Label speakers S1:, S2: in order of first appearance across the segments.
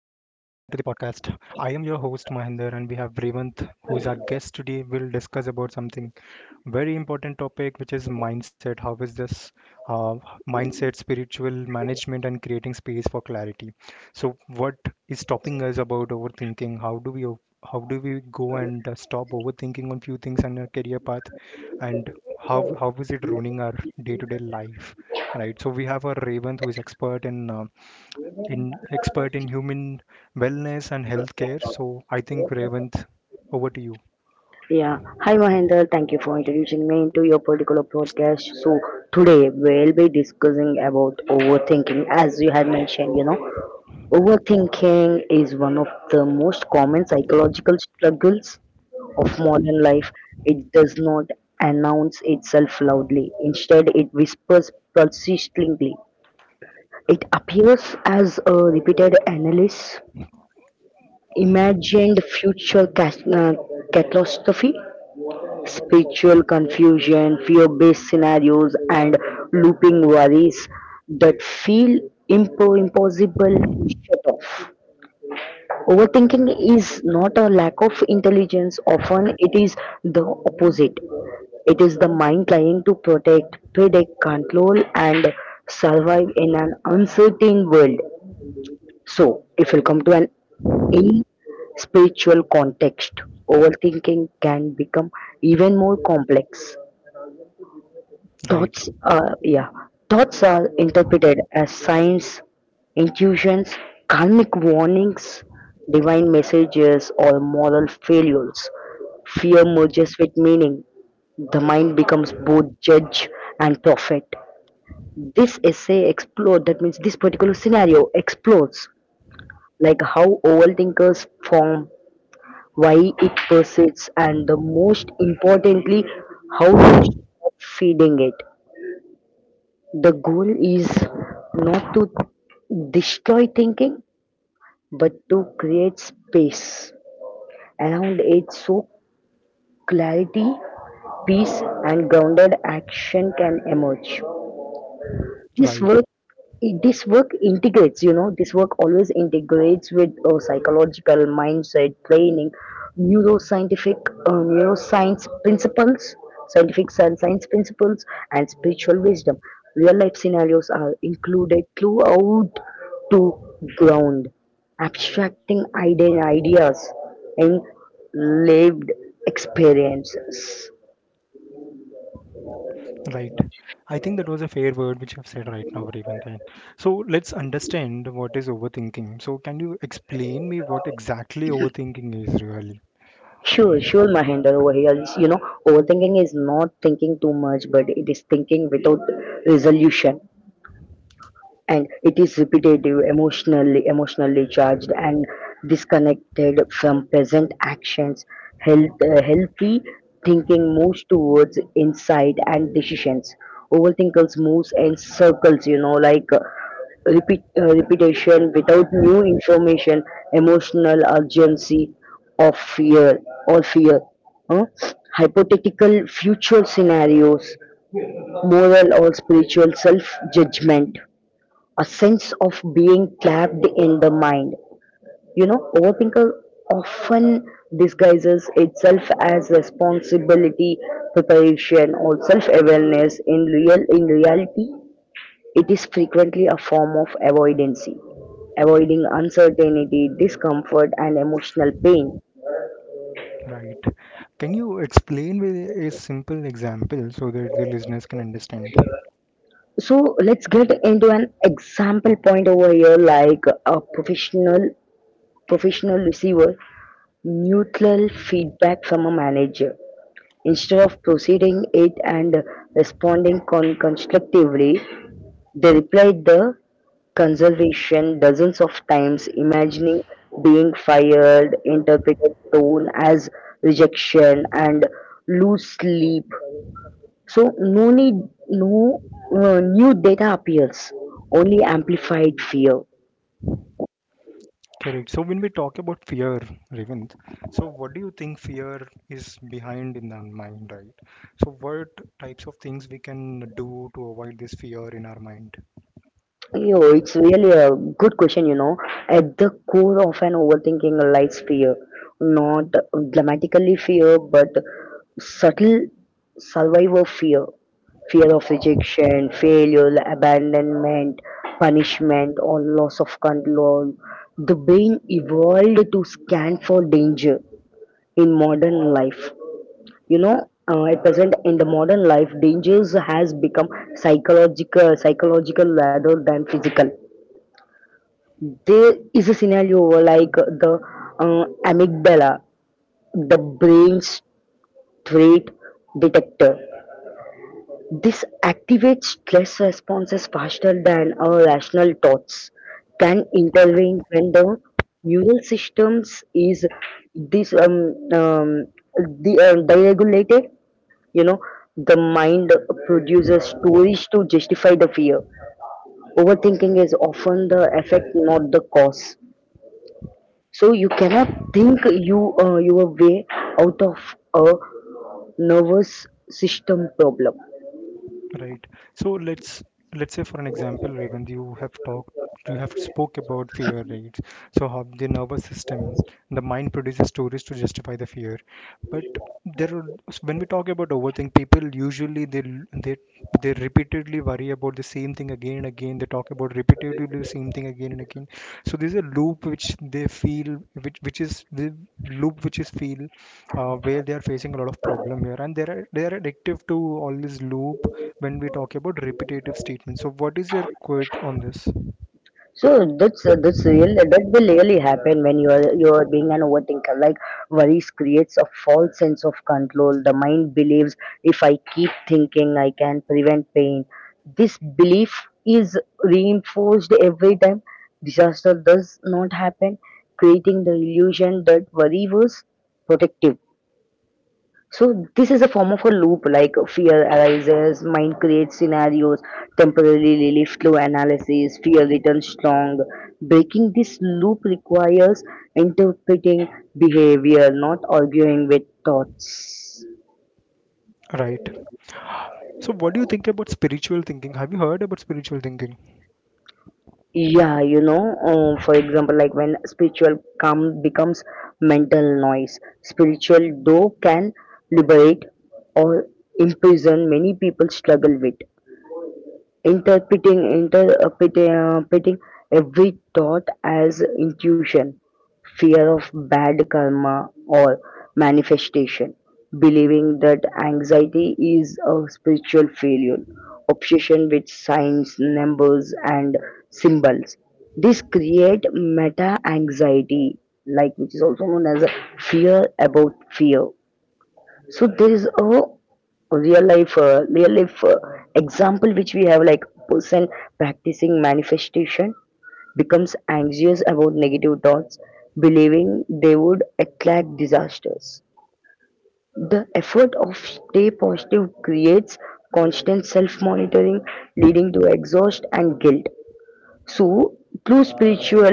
S1: to the podcast. I am your host Mahinder, and we have Revanth, who is our guest today. We'll discuss about something very important topic, which is mindset. How is this uh, mindset, spiritual management, and creating space for clarity? So, what is stopping us about overthinking? How do we go and stop overthinking on few things on our career path, and how is it ruining our day-to-day life? Right. So we have a Revanth who is expert in expert in human wellness and healthcare. So I think Revanth, over to you.
S2: Yeah. Hi, Mahendra. Thank you for introducing me into your particular podcast. So today we'll be discussing about overthinking. As you had mentioned, you know, overthinking is one of the most common psychological struggles of modern life. It does not announce itself loudly. Instead, it whispers persistently. It appears as a repeated analysis, imagined future catastrophe, spiritual confusion, fear-based scenarios, and looping worries that feel impossible to shut off. Overthinking is not a lack of intelligence, often it is the opposite. It is the mind trying to protect, predict, control, and survive in an uncertain world. So, if you come to an in spiritual context, overthinking can become even more complex.
S1: Right,
S2: Thoughts are, yeah, thoughts are interpreted as signs, intuitions, karmic warnings, divine messages, or moral failures. Fear merges with meaning. The mind becomes both judge and prophet. This essay explored, that means this particular scenario explores like how overthinkers form, why it persists, and the most importantly, how to stop feeding it. The goal is not to destroy thinking but to create space around it so clarity, peace, and grounded action can emerge. this
S1: right,
S2: work this work integrates, you know, this work always integrates with psychological mindset training, neuroscientific neuroscience principles, science principles, and spiritual wisdom. Real life scenarios are included throughout to ground ideas in lived experiences.
S1: right. I think that was a fair word which you have said right now, Revanth. And So let's understand what is overthinking. So can you explain me what exactly overthinking is really?
S2: Sure, sure, Mahender over here. It's, you know, overthinking is not thinking too much, but it is thinking without resolution, and it is repetitive, emotionally charged, and disconnected from present actions. Healthy thinking moves towards insight and decisions. Overthinkers moves in circles, you know, like repeat repetition without new information, emotional urgency of fear or fear, huh? Hypothetical future scenarios, moral or spiritual self judgment, a sense of being trapped in the mind. You know, overthinker often disguises itself as responsibility, preparation, or self-awareness. In reality, it is frequently a form of avoidance, avoiding uncertainty, discomfort, and emotional pain.
S1: Right. Can you explain with a simple example so that the listeners can understand?
S2: So let's get into an example point over here, like a professional receiver neutral feedback from a manager. Instead of proceeding it and responding constructively, they replied the conservation dozens of times, imagining being fired, interpreted tone as rejection, and lose sleep. So no need, no new data appears, only amplified fear.
S1: Correct. So when we talk about fear, Revanth, so what do you think fear is behind in our mind, right? So what types of things we can do to avoid this fear in our mind?
S2: Yo, it's really a good question, you know. At the core of an overthinking lies fear. Not dramatically fear, but subtle survivor fear. Fear of rejection, failure, abandonment, punishment, or loss of control. The brain evolved to scan for danger in modern life. You know, at present in the modern life, dangers has become psychological rather than physical. There is a scenario where, like the uh, amygdala, the brain's threat detector. This activates stress responses faster than our rational thoughts can intervene when the neural systems is this the deregulated. You know, the mind produces stories to justify the fear. Overthinking is often the effect, not the cause. So you cannot think you your way out of a nervous system problem.
S1: Right. So let's say for an example, Raymond, you have spoke about fear, right? So how the nervous system, the mind produces stories to justify the fear. But there are, when we talk about overthink, people usually they they repeatedly worry about the same thing again and again. They talk about repeatedly the same thing again and again. So there's a loop which they feel which is the loop which is feel where they are facing a lot of problem here and they are addictive to all this loop when we talk about repetitive statements. So, what is your quote on this?
S2: So that's real, that will really happen when you are being an overthinker. Like worries creates a false sense of control. The mind believes if I keep thinking, I can prevent pain. This belief is reinforced every time disaster does not happen, creating the illusion that worry was protective. So this is a form of a loop, like fear arises, mind creates scenarios, temporarily relief through analysis, fear returns strong. Breaking this loop requires interpreting behavior, not arguing with thoughts.
S1: Right. So, what do you think about spiritual thinking? Have you heard about spiritual thinking?
S2: Yeah, you know, for example, like when spiritual calm becomes mental noise, spiritual though can liberate or imprison many people struggle with. interpreting Interpreting every thought as intuition, fear of bad karma or manifestation, believing that anxiety is a spiritual failure, obsession with signs, numbers, and symbols. This create meta anxiety, like which is also known as a fear about fear. So there is a real life example which we have, like person practicing manifestation becomes anxious about negative thoughts, believing they would attract disasters. The effort of stay positive creates constant self monitoring, leading to exhaust and guilt. So, true spiritual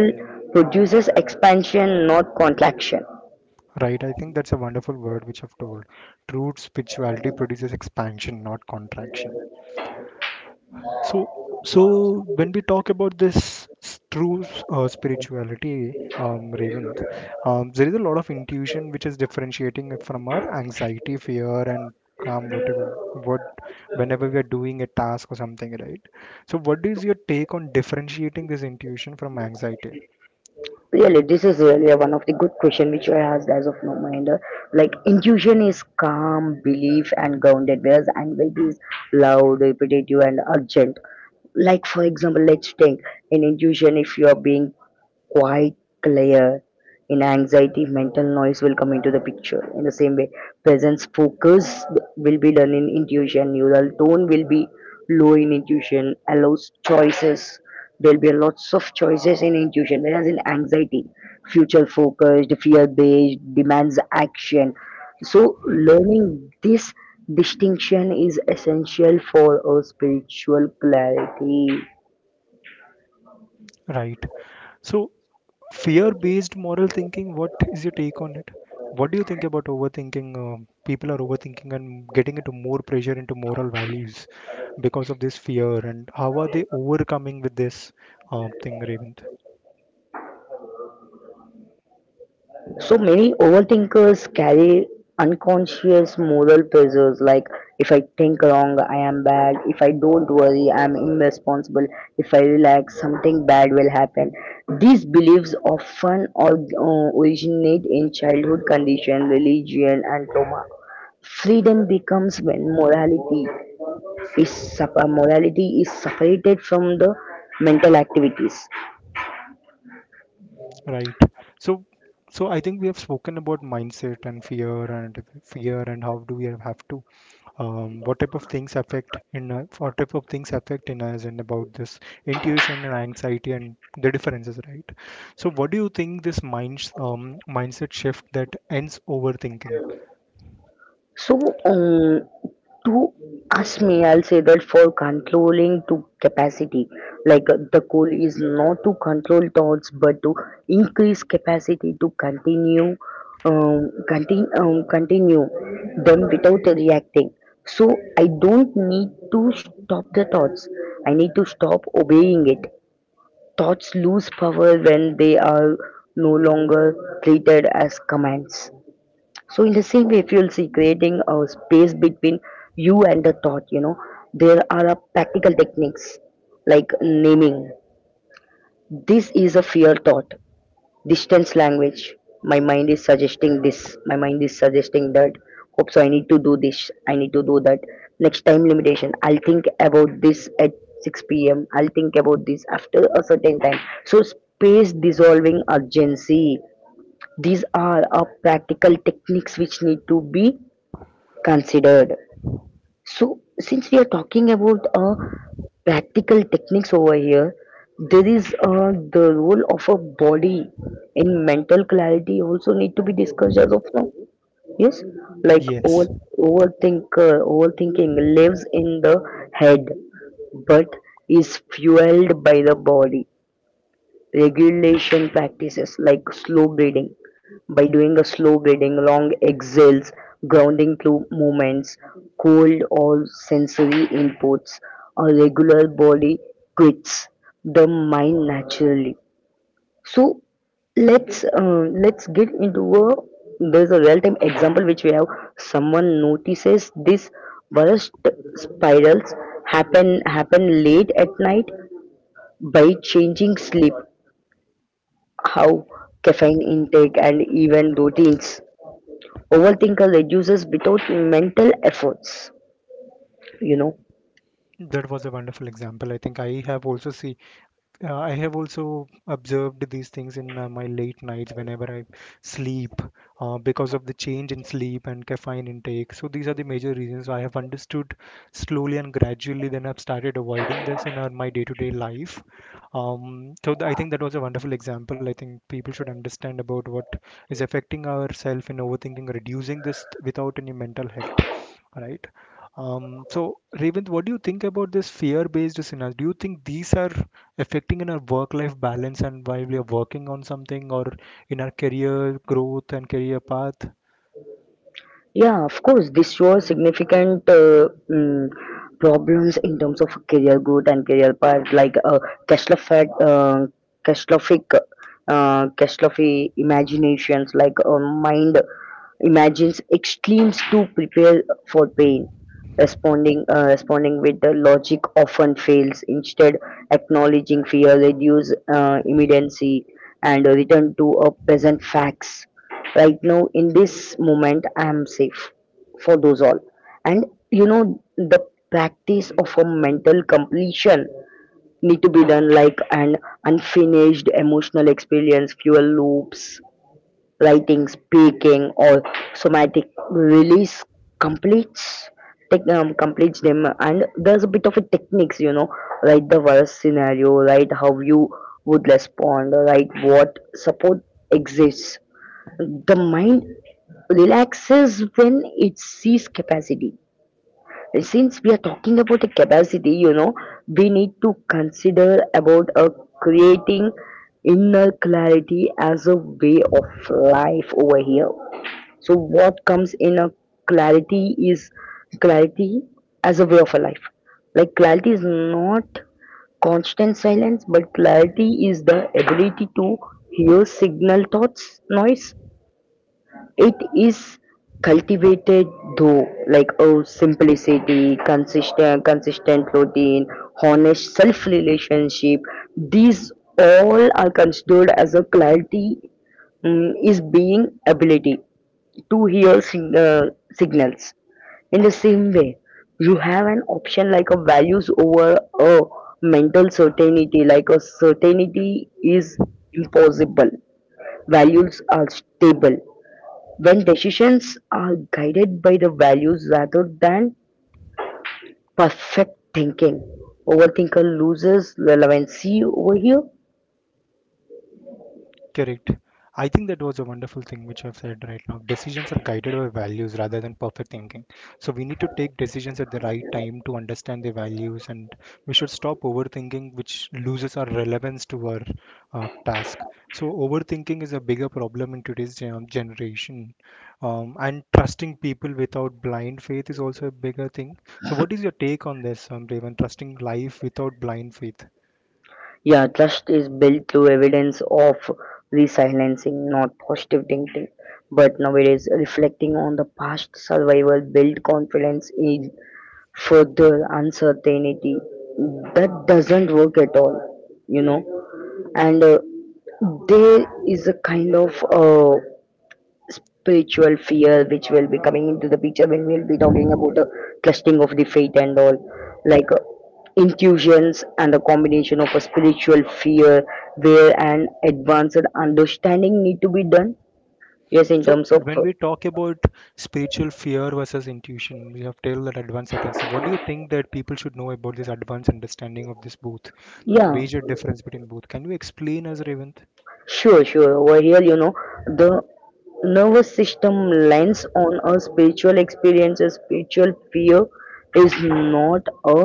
S2: produces expansion, not contraction.
S1: Right. I think that's a wonderful word which I've told. True spirituality produces expansion, not contraction. So, so when we talk about true spirituality, Ravind, there is a lot of intuition which is differentiating it from our anxiety, fear, and calm, whenever we are doing a task or something, right? So, what is your take on differentiating this intuition from anxiety,
S2: Really, this is really one of the good question which I asked as of now, Mahinder. Like intuition is calm, belief and grounded, whereas anxiety is loud, repetitive and urgent. Like for example, let's think, in intuition, if you are being quite clear, in anxiety mental noise will come into the picture. In the same way, presence focus will be done in intuition, neural tone will be low, in intuition allows choices, there'll be lots of choices in intuition, whereas in anxiety future focused fear based demands action. So learning this distinction is essential for a spiritual clarity.
S1: right? So, fear-based moral thinking, what is your take on it? What do you think about overthinking? People are overthinking and getting into more pressure into moral values because of this fear, and how are they overcoming with this thing, Ravint?
S2: So many overthinkers carry unconscious moral pressures like if I think wrong, I am bad. If I don't worry, I am irresponsible. If I relax, something bad will happen. These beliefs often originate in childhood condition, religion, and trauma. Freedom becomes when morality is morality is separated from the mental activities.
S1: Right. So, so I think we have spoken about mindset and fear and how do we have to what type of things affect in us and about this intuition and anxiety and the differences, right? So what do you think this mindset shift that ends overthinking?
S2: So, to ask me, I'll say that for controlling to capacity, like the goal is not to control thoughts but to increase capacity to continue, continue them without reacting. So I don't need to stop the thoughts. I need to stop obeying it. Thoughts lose power when they are no longer treated as commands. So in the same way, if you'll see creating a space between you and the thought, you know, there are a practical techniques like naming. This is a fear thought. Distance language. My mind is suggesting this. My mind is suggesting that. Hope so. I need to do this. I need to do that. Next time limitation. I'll think about this at 6 p.m. I'll think about this after a certain time. So space dissolving urgency, these are a practical techniques which need to be considered. So, since we are talking about practical techniques over here, there is the role of a body in mental clarity also need to be discussed as of now. Yes, like
S1: Yes,
S2: overthinking lives in the head, but is fueled by the body. Regulation practices like slow breathing, by doing a slow breathing, long exhales, grounding through movements, cold or sensory inputs, or regular body quits the mind naturally. So let's get into a, there's a real time example which we have. Someone notices this burst spirals happen late at night. By changing sleep, how caffeine intake and even routines, overthinker reduces without mental efforts, you know.
S1: that was a wonderful example. I think I have also see— I have also observed these things in my late nights whenever I sleep because of the change in sleep and caffeine intake. So, these are the major reasons I have understood slowly and gradually, then I've started avoiding this in my day to day life. I think that was a wonderful example. I think people should understand about what is affecting ourself in overthinking, reducing without any mental health, right? So, Revent, what do you think about this fear-based scenarios? Do you think these are affecting in our work-life balance and while we are working on something or in our career growth and career path?
S2: Yeah, of course, this shows significant problems in terms of career growth and career path. Like Keslofic, uh, Keslofic, Keslofi imaginations, like mind imagines extremes to prepare for pain. Responding with the logic often fails. Instead, acknowledging fear, reduce immediacy, and return to a present facts. Right now in this moment I am safe for those all. And you know, the practice of a mental completion need to be done, like an unfinished emotional experience fuel loops, writing, speaking, or somatic release completes completes them. And there's a bit of a techniques, you know, write the worst scenario, write how you would respond, write what support exists. The mind relaxes when it sees capacity. Since we are talking about the capacity, you know, we need to consider about creating inner clarity as a way of life over here. So what comes in a clarity is clarity as a way of a life. Like clarity is not constant silence, but clarity is the ability to hear signal thoughts noise. It is cultivated though, like oh, simplicity, consistent routine, honest self-relationship. These all are considered as a clarity. Mm, is being ability to hear signals. In the same way, you have an option like a values over a mental certainty, like a certainty is impossible. Values are stable when decisions are guided by the values rather than perfect thinking. Overthinker loses relevancy over here.
S1: Correct. I think that was a wonderful thing which you have said right now. Decisions are guided by values rather than perfect thinking. So we need to take decisions at the right time to understand the values, and we should stop overthinking, which loses our relevance to our task. So overthinking is a bigger problem in generation, and trusting people without blind faith is also a bigger thing. So what is your take on this, Raven? Trusting life without blind faith?
S2: Yeah, trust is built through evidence of resilencing, not positive thinking. But nowadays, reflecting on the past survival build confidence in further uncertainty. That doesn't work at all, you know. And there is a kind of spiritual fear which will be coming into the picture when we'll be talking about the testing of the faith and all, like intuitions and a combination of a spiritual fear where an advanced understanding need to be done. Yes, in
S1: So
S2: terms of
S1: when we talk about spiritual fear versus intuition, we have till that advanced certainty. So what do you think that people should know about this advanced understanding of this both?
S2: yeah,
S1: Major difference between both. Can you explain us, Revant?
S2: sure, sure, over here, you know, the nervous system lens on a spiritual experience. A spiritual fear is not a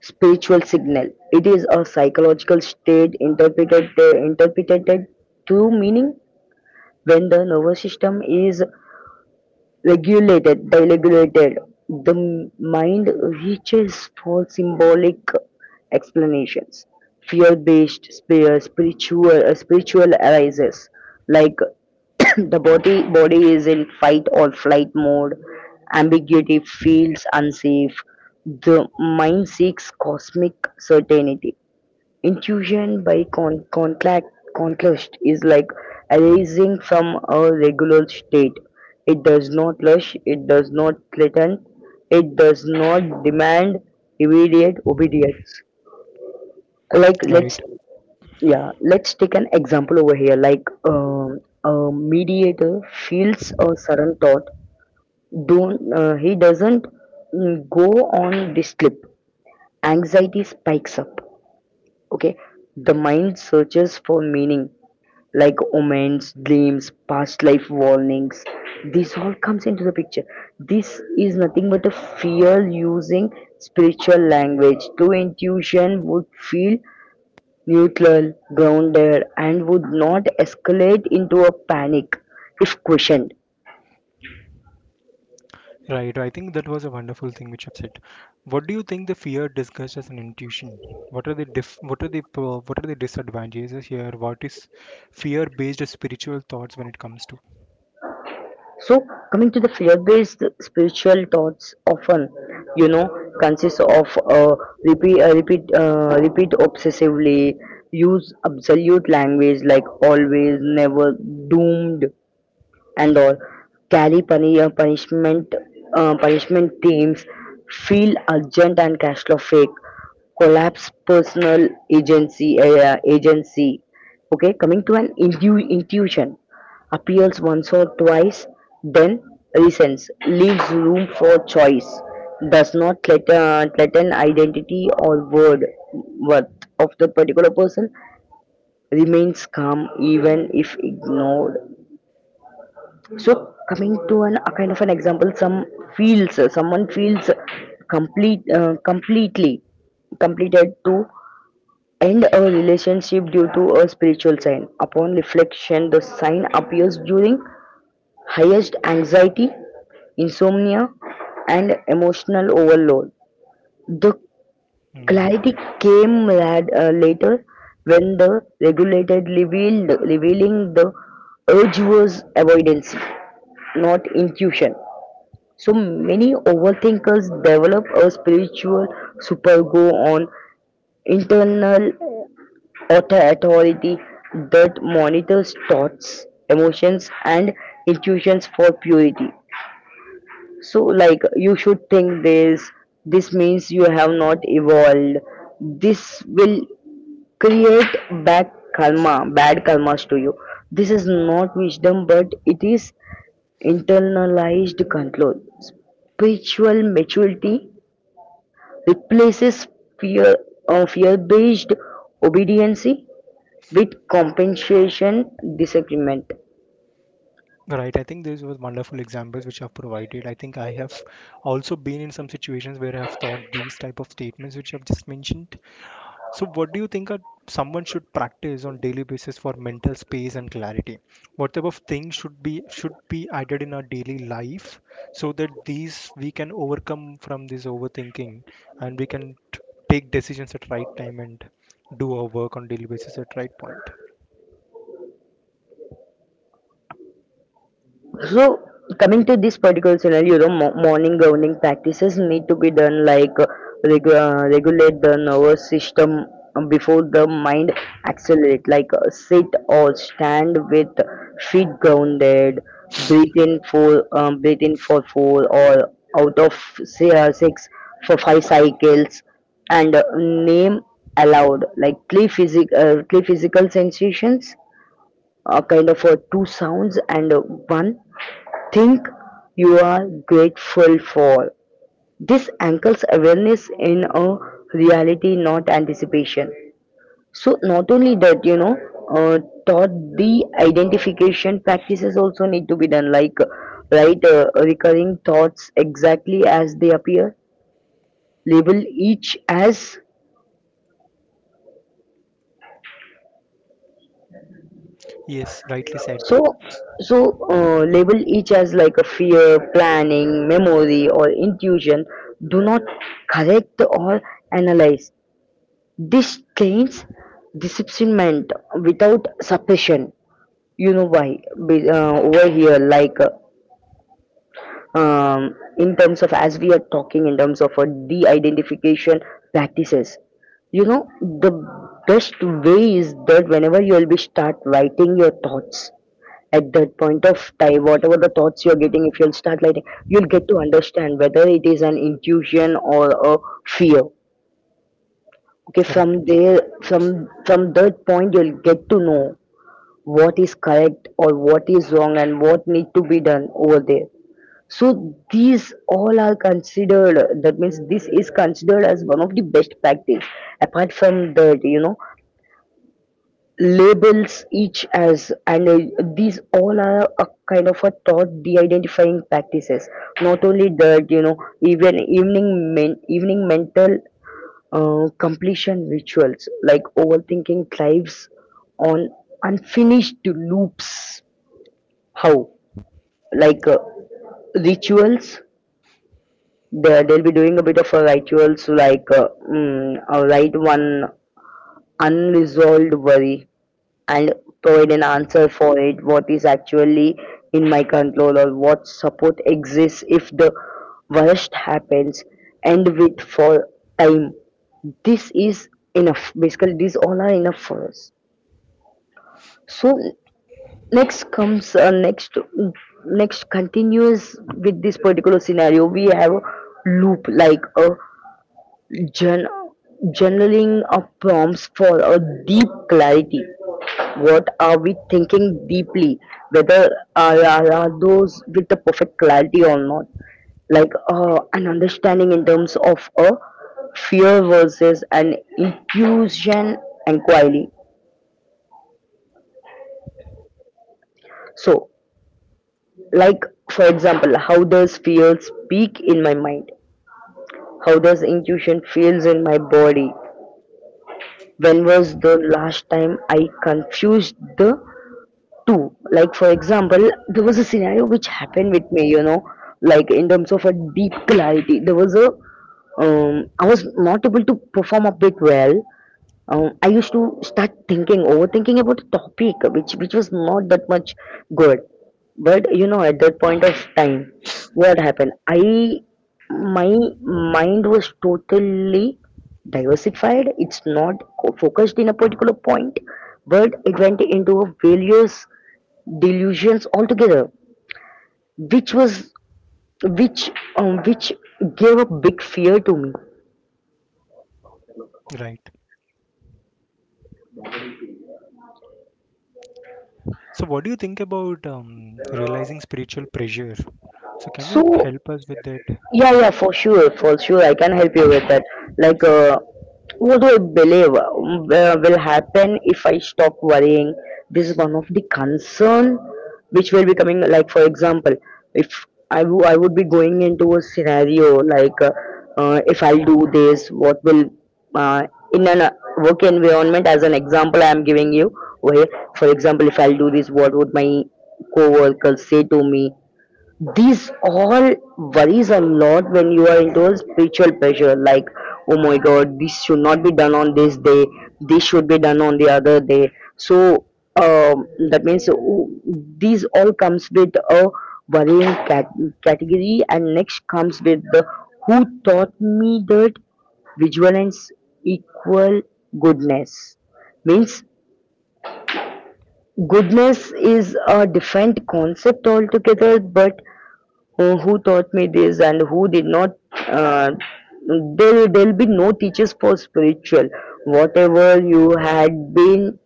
S2: spiritual signal. It is a psychological state interpreted to meaning. When the nervous system is regulated, deregulated, the mind reaches for symbolic explanations. Spiritual arises, like the body is in fight or flight mode. Ambiguity feels unsafe. The mind seeks cosmic certainty. Intuition by contact contrast is like arising from a regular state. It does not rush, it does not threaten, it does not demand immediate obedience. Like
S1: Right,
S2: let's yeah, let's take an example over here. Like, a mediator feels a sudden thought. Don't He doesn't go on this slip. Anxiety spikes up. Okay, the mind searches for meaning like omens, dreams, past life warnings. This all comes into the picture. This is nothing but a fear using spiritual language. True intuition would feel neutral, grounded and would not escalate into a panic if questioned.
S1: right. I think that was a wonderful thing which I've said. What do you think the fear discussed as an intuition? What are the diff what are the disadvantages here? What is fear-based spiritual thoughts when it comes to?
S2: So, coming to the fear-based spiritual thoughts, often, you know, consists of repeat obsessively, use absolute language like always, never, doomed, and all Cali punishment punishment teams, feel urgent and cash flow fake, collapse personal agency. Okay, coming to an intuition, appeals once or twice, then resents, leaves room for choice, does not let an identity or word worth of the particular person, remains calm even if ignored. So coming to an a kind of an example, someone feels completely completed to end a relationship due to a spiritual sign. Upon reflection, the sign appears during highest anxiety, insomnia, and emotional overload. The
S1: Hmm.
S2: clarity came later when the regulated revealed, revealing the urge was avoidance, not intuition. So many overthinkers develop a spiritual supergo on internal authority that monitors thoughts, emotions, and intuitions for purity. So, like, you should think this, this means you have not evolved. This will create bad karma, bad karmas to you. This is not wisdom, but it is internalized control. Spiritual maturity replaces fear fear-based obedience with compensation disagreement.
S1: Right, I think these were wonderful examples which I've provided. I think I have also been in some situations where I've thought these type of statements which I've just mentioned. So, what do you think are, someone should practice on daily basis for mental space and clarity? What type of things should be added in our daily life so that these we can overcome from this overthinking and take decisions at right time and do our work on daily basis at right point.
S2: So coming to this particular scenario, morning grounding practices need to be done, like regulate the nervous system before the mind accelerate. Like sit or stand with feet grounded, breathe in for four or out of say, six for five cycles, and name aloud like clear, clear physical sensations, kind of two sounds and one think you are grateful for. This anchors awareness in a reality, not anticipation. So, not only that, uh, thought the identification practices also need to be done, like write recurring thoughts exactly as they appear, label each as.
S1: Yes, rightly said.
S2: So, so, label each as like a fear, planning, memory, or intuition. Do not correct or analyze. This trains disciplinment without suppression. You know why? Over here, like in terms of, as we are talking in terms of de-identification practices, you know, the best way is that whenever you will be start writing your thoughts, at that point of time, whatever the thoughts you're getting, if you'll start writing, you'll get to understand whether it is an intuition or a fear. Okay,
S1: Correct.
S2: from there, from that point, you'll get to know what is correct or what is wrong and what need to be done over there. So these all are considered, that means this is considered as one of the best practice. Apart from that, you know, labels each as, and these all are a kind of a thought de-identifying practices. Not only that, you know, even evening mental completion rituals, like overthinking thrives on unfinished loops. How, like rituals, they'll be doing a bit of a rituals, like write one unresolved worry and provide an answer for it, what is actually in my control or what support exists if the worst happens. And wait for time, this is enough. Basically these all are enough for us. So next comes, next continues with this particular scenario. We have a loop like a Journ- journaling of prompts for a deep clarity. What are we thinking deeply? Whether are those with the perfect clarity or not? Like an understanding in terms of a fear versus an intuition inquiry. So, like, for example, how does fear speak in my mind? How does intuition feels in my body? When was the last time I confused the too. Like for example, there was a scenario which happened with me, you know, like in terms of a deep clarity. There was a I was not able to perform a bit well. I used to start thinking, overthinking about a topic which was not that much good. But you know, at that point of time, what happened? I, my mind was totally diversified. It's not focused in a particular point, but it went into a various delusions altogether, which was, which which gave a big fear to me.
S1: Right. So, what do you think about realizing spiritual pressure? So, can
S2: So
S1: you help us with that?
S2: yeah, yeah, for sure, for sure, I can help you with that. Like, what do I believe will happen if I stop worrying? This is one of the concern which will be coming. Like, for example, if I would be going into a scenario like, if I'll do this, what will uh, in an work environment? As an example, I am giving you. Where, for example, if I'll do this, what would my co-workers say to me? These all worries a lot when you are into a spiritual pressure, like, oh my god, this should not be done on this day, this should be done on the other day. So, that means these all comes with a worrying cat- category, and next comes with the who taught me that vigilance equal goodness. Means goodness is a different concept altogether, but who taught me this and who did not. Uh, there there'll be no teachers for spiritual. Whatever you had been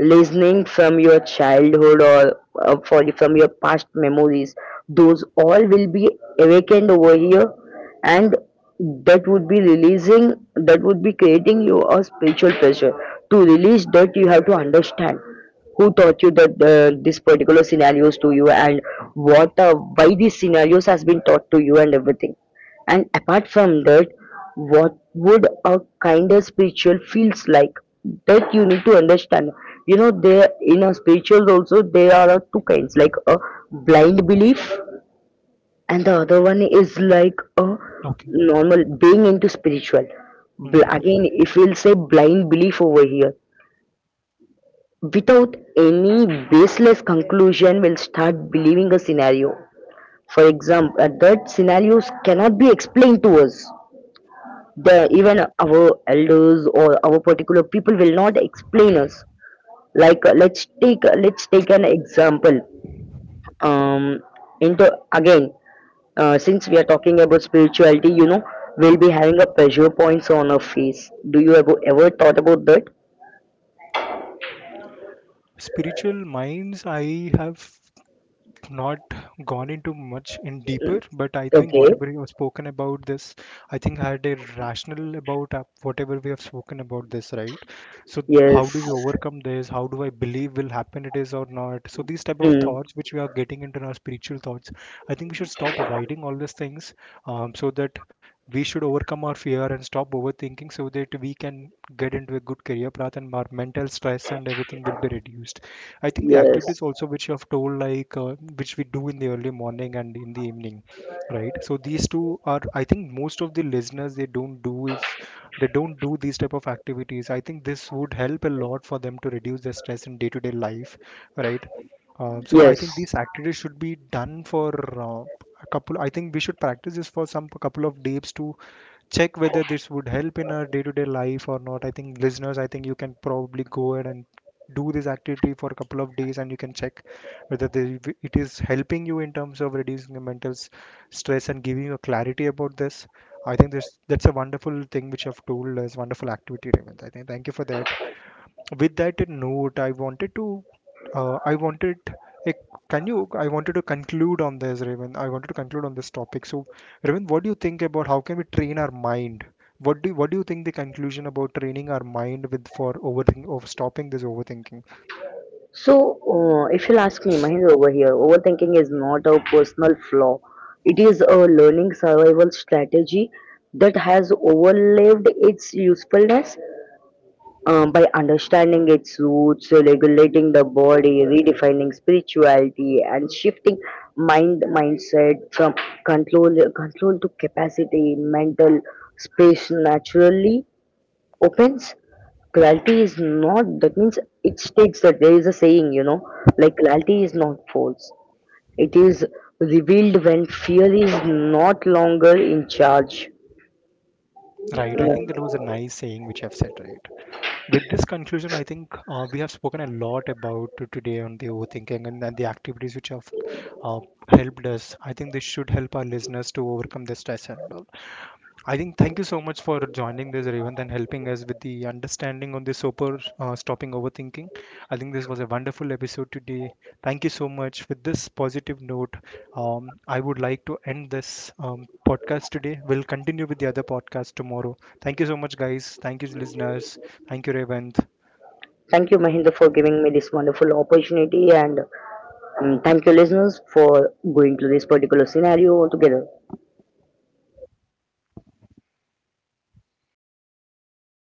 S2: listening from your childhood or from your past memories, those all will be awakened over here, and that would be releasing, that would be creating you a spiritual pressure. To release that, you have to understand who taught you that this particular scenarios to you, and what why these scenarios has been taught to you and everything. And apart from that, what would a kinder spiritual feels like, that you need to understand. You know, there in a spiritual also there are two kinds, like a blind belief and the other one is like a
S1: Okay.
S2: normal being into spiritual.
S1: Hmm.
S2: Again, if we'll say blind belief over here, without any baseless conclusion, will start believing a scenario. For example, that scenarios cannot be explained to us. The even our elders or our particular people will not explain us. Like let's take an example, um into again since we are talking about spirituality, you know, we'll be having a pressure points on our face. Do you ever thought about that?
S1: Spiritual minds, I have not gone into much in deeper, but I think
S2: Okay,
S1: whatever you have spoken about this, I think had a rational about whatever we have spoken about this, right? So how do
S2: yes.
S1: we overcome this? How do I believe will happen it is or not? So these type of
S2: Hmm.
S1: thoughts which we are getting into our spiritual thoughts, I think we should stop avoiding all these things, so that we should overcome our fear and stop overthinking so that we can get into a good career path and our mental stress and everything will be reduced. I think the
S2: Yes,
S1: activities also which you have told like which we do in the early morning and in the evening, right? So these two are, I think most of the listeners they don't do these type of activities. I think this would help a lot for them to reduce their stress in day-to-day life, right? So I think
S2: yes.
S1: these activities should be done for uh, a couple. I think we should practice this for some couple of days to check whether this would help in our day-to-day life or not. I think listeners, I think you can probably go ahead and do this activity for a couple of days and you can check whether it is helping you in terms of reducing the mental stress and giving you a clarity about this. I think this that's a wonderful thing which you have told us, wonderful activity, Raymond. I think thank you for that. With that note, I wanted to, I wanted, like, can you, I wanted to conclude on this, Raven. I wanted to conclude on this topic. So, Raven, what do you think about how can we train our mind? What do you think the conclusion about training our mind with for overthink, of stopping this overthinking?
S2: So, if you'll ask me, Mahendra, over here, overthinking is not a personal flaw. It is a learning survival strategy that has overlived its usefulness. By understanding its roots, regulating the body, redefining spirituality, and shifting mindset from control to capacity, mental space naturally opens. Clarity is not, that means, it states that there is a saying, you know, like, clarity is not false, it is revealed when fear is not longer in charge. You
S1: Right. I think that
S2: know,
S1: was a nice saying which I've said, right? With this conclusion, I think we have spoken a lot about today on the overthinking and the activities which have uh, helped us. I think this should help our listeners to overcome their stress and all. I think thank you so much for joining this, Revant, and helping us with the understanding on the super stopping overthinking. I think this was a wonderful episode today. Thank you so much. With this positive note, I would like to end this podcast today. We'll continue with the other podcast tomorrow. Thank you so much, guys. Thank you, listeners. Thank you, Revant.
S2: thank you, Mahinda, for giving me this wonderful opportunity, and thank you, listeners, for going through this particular scenario together.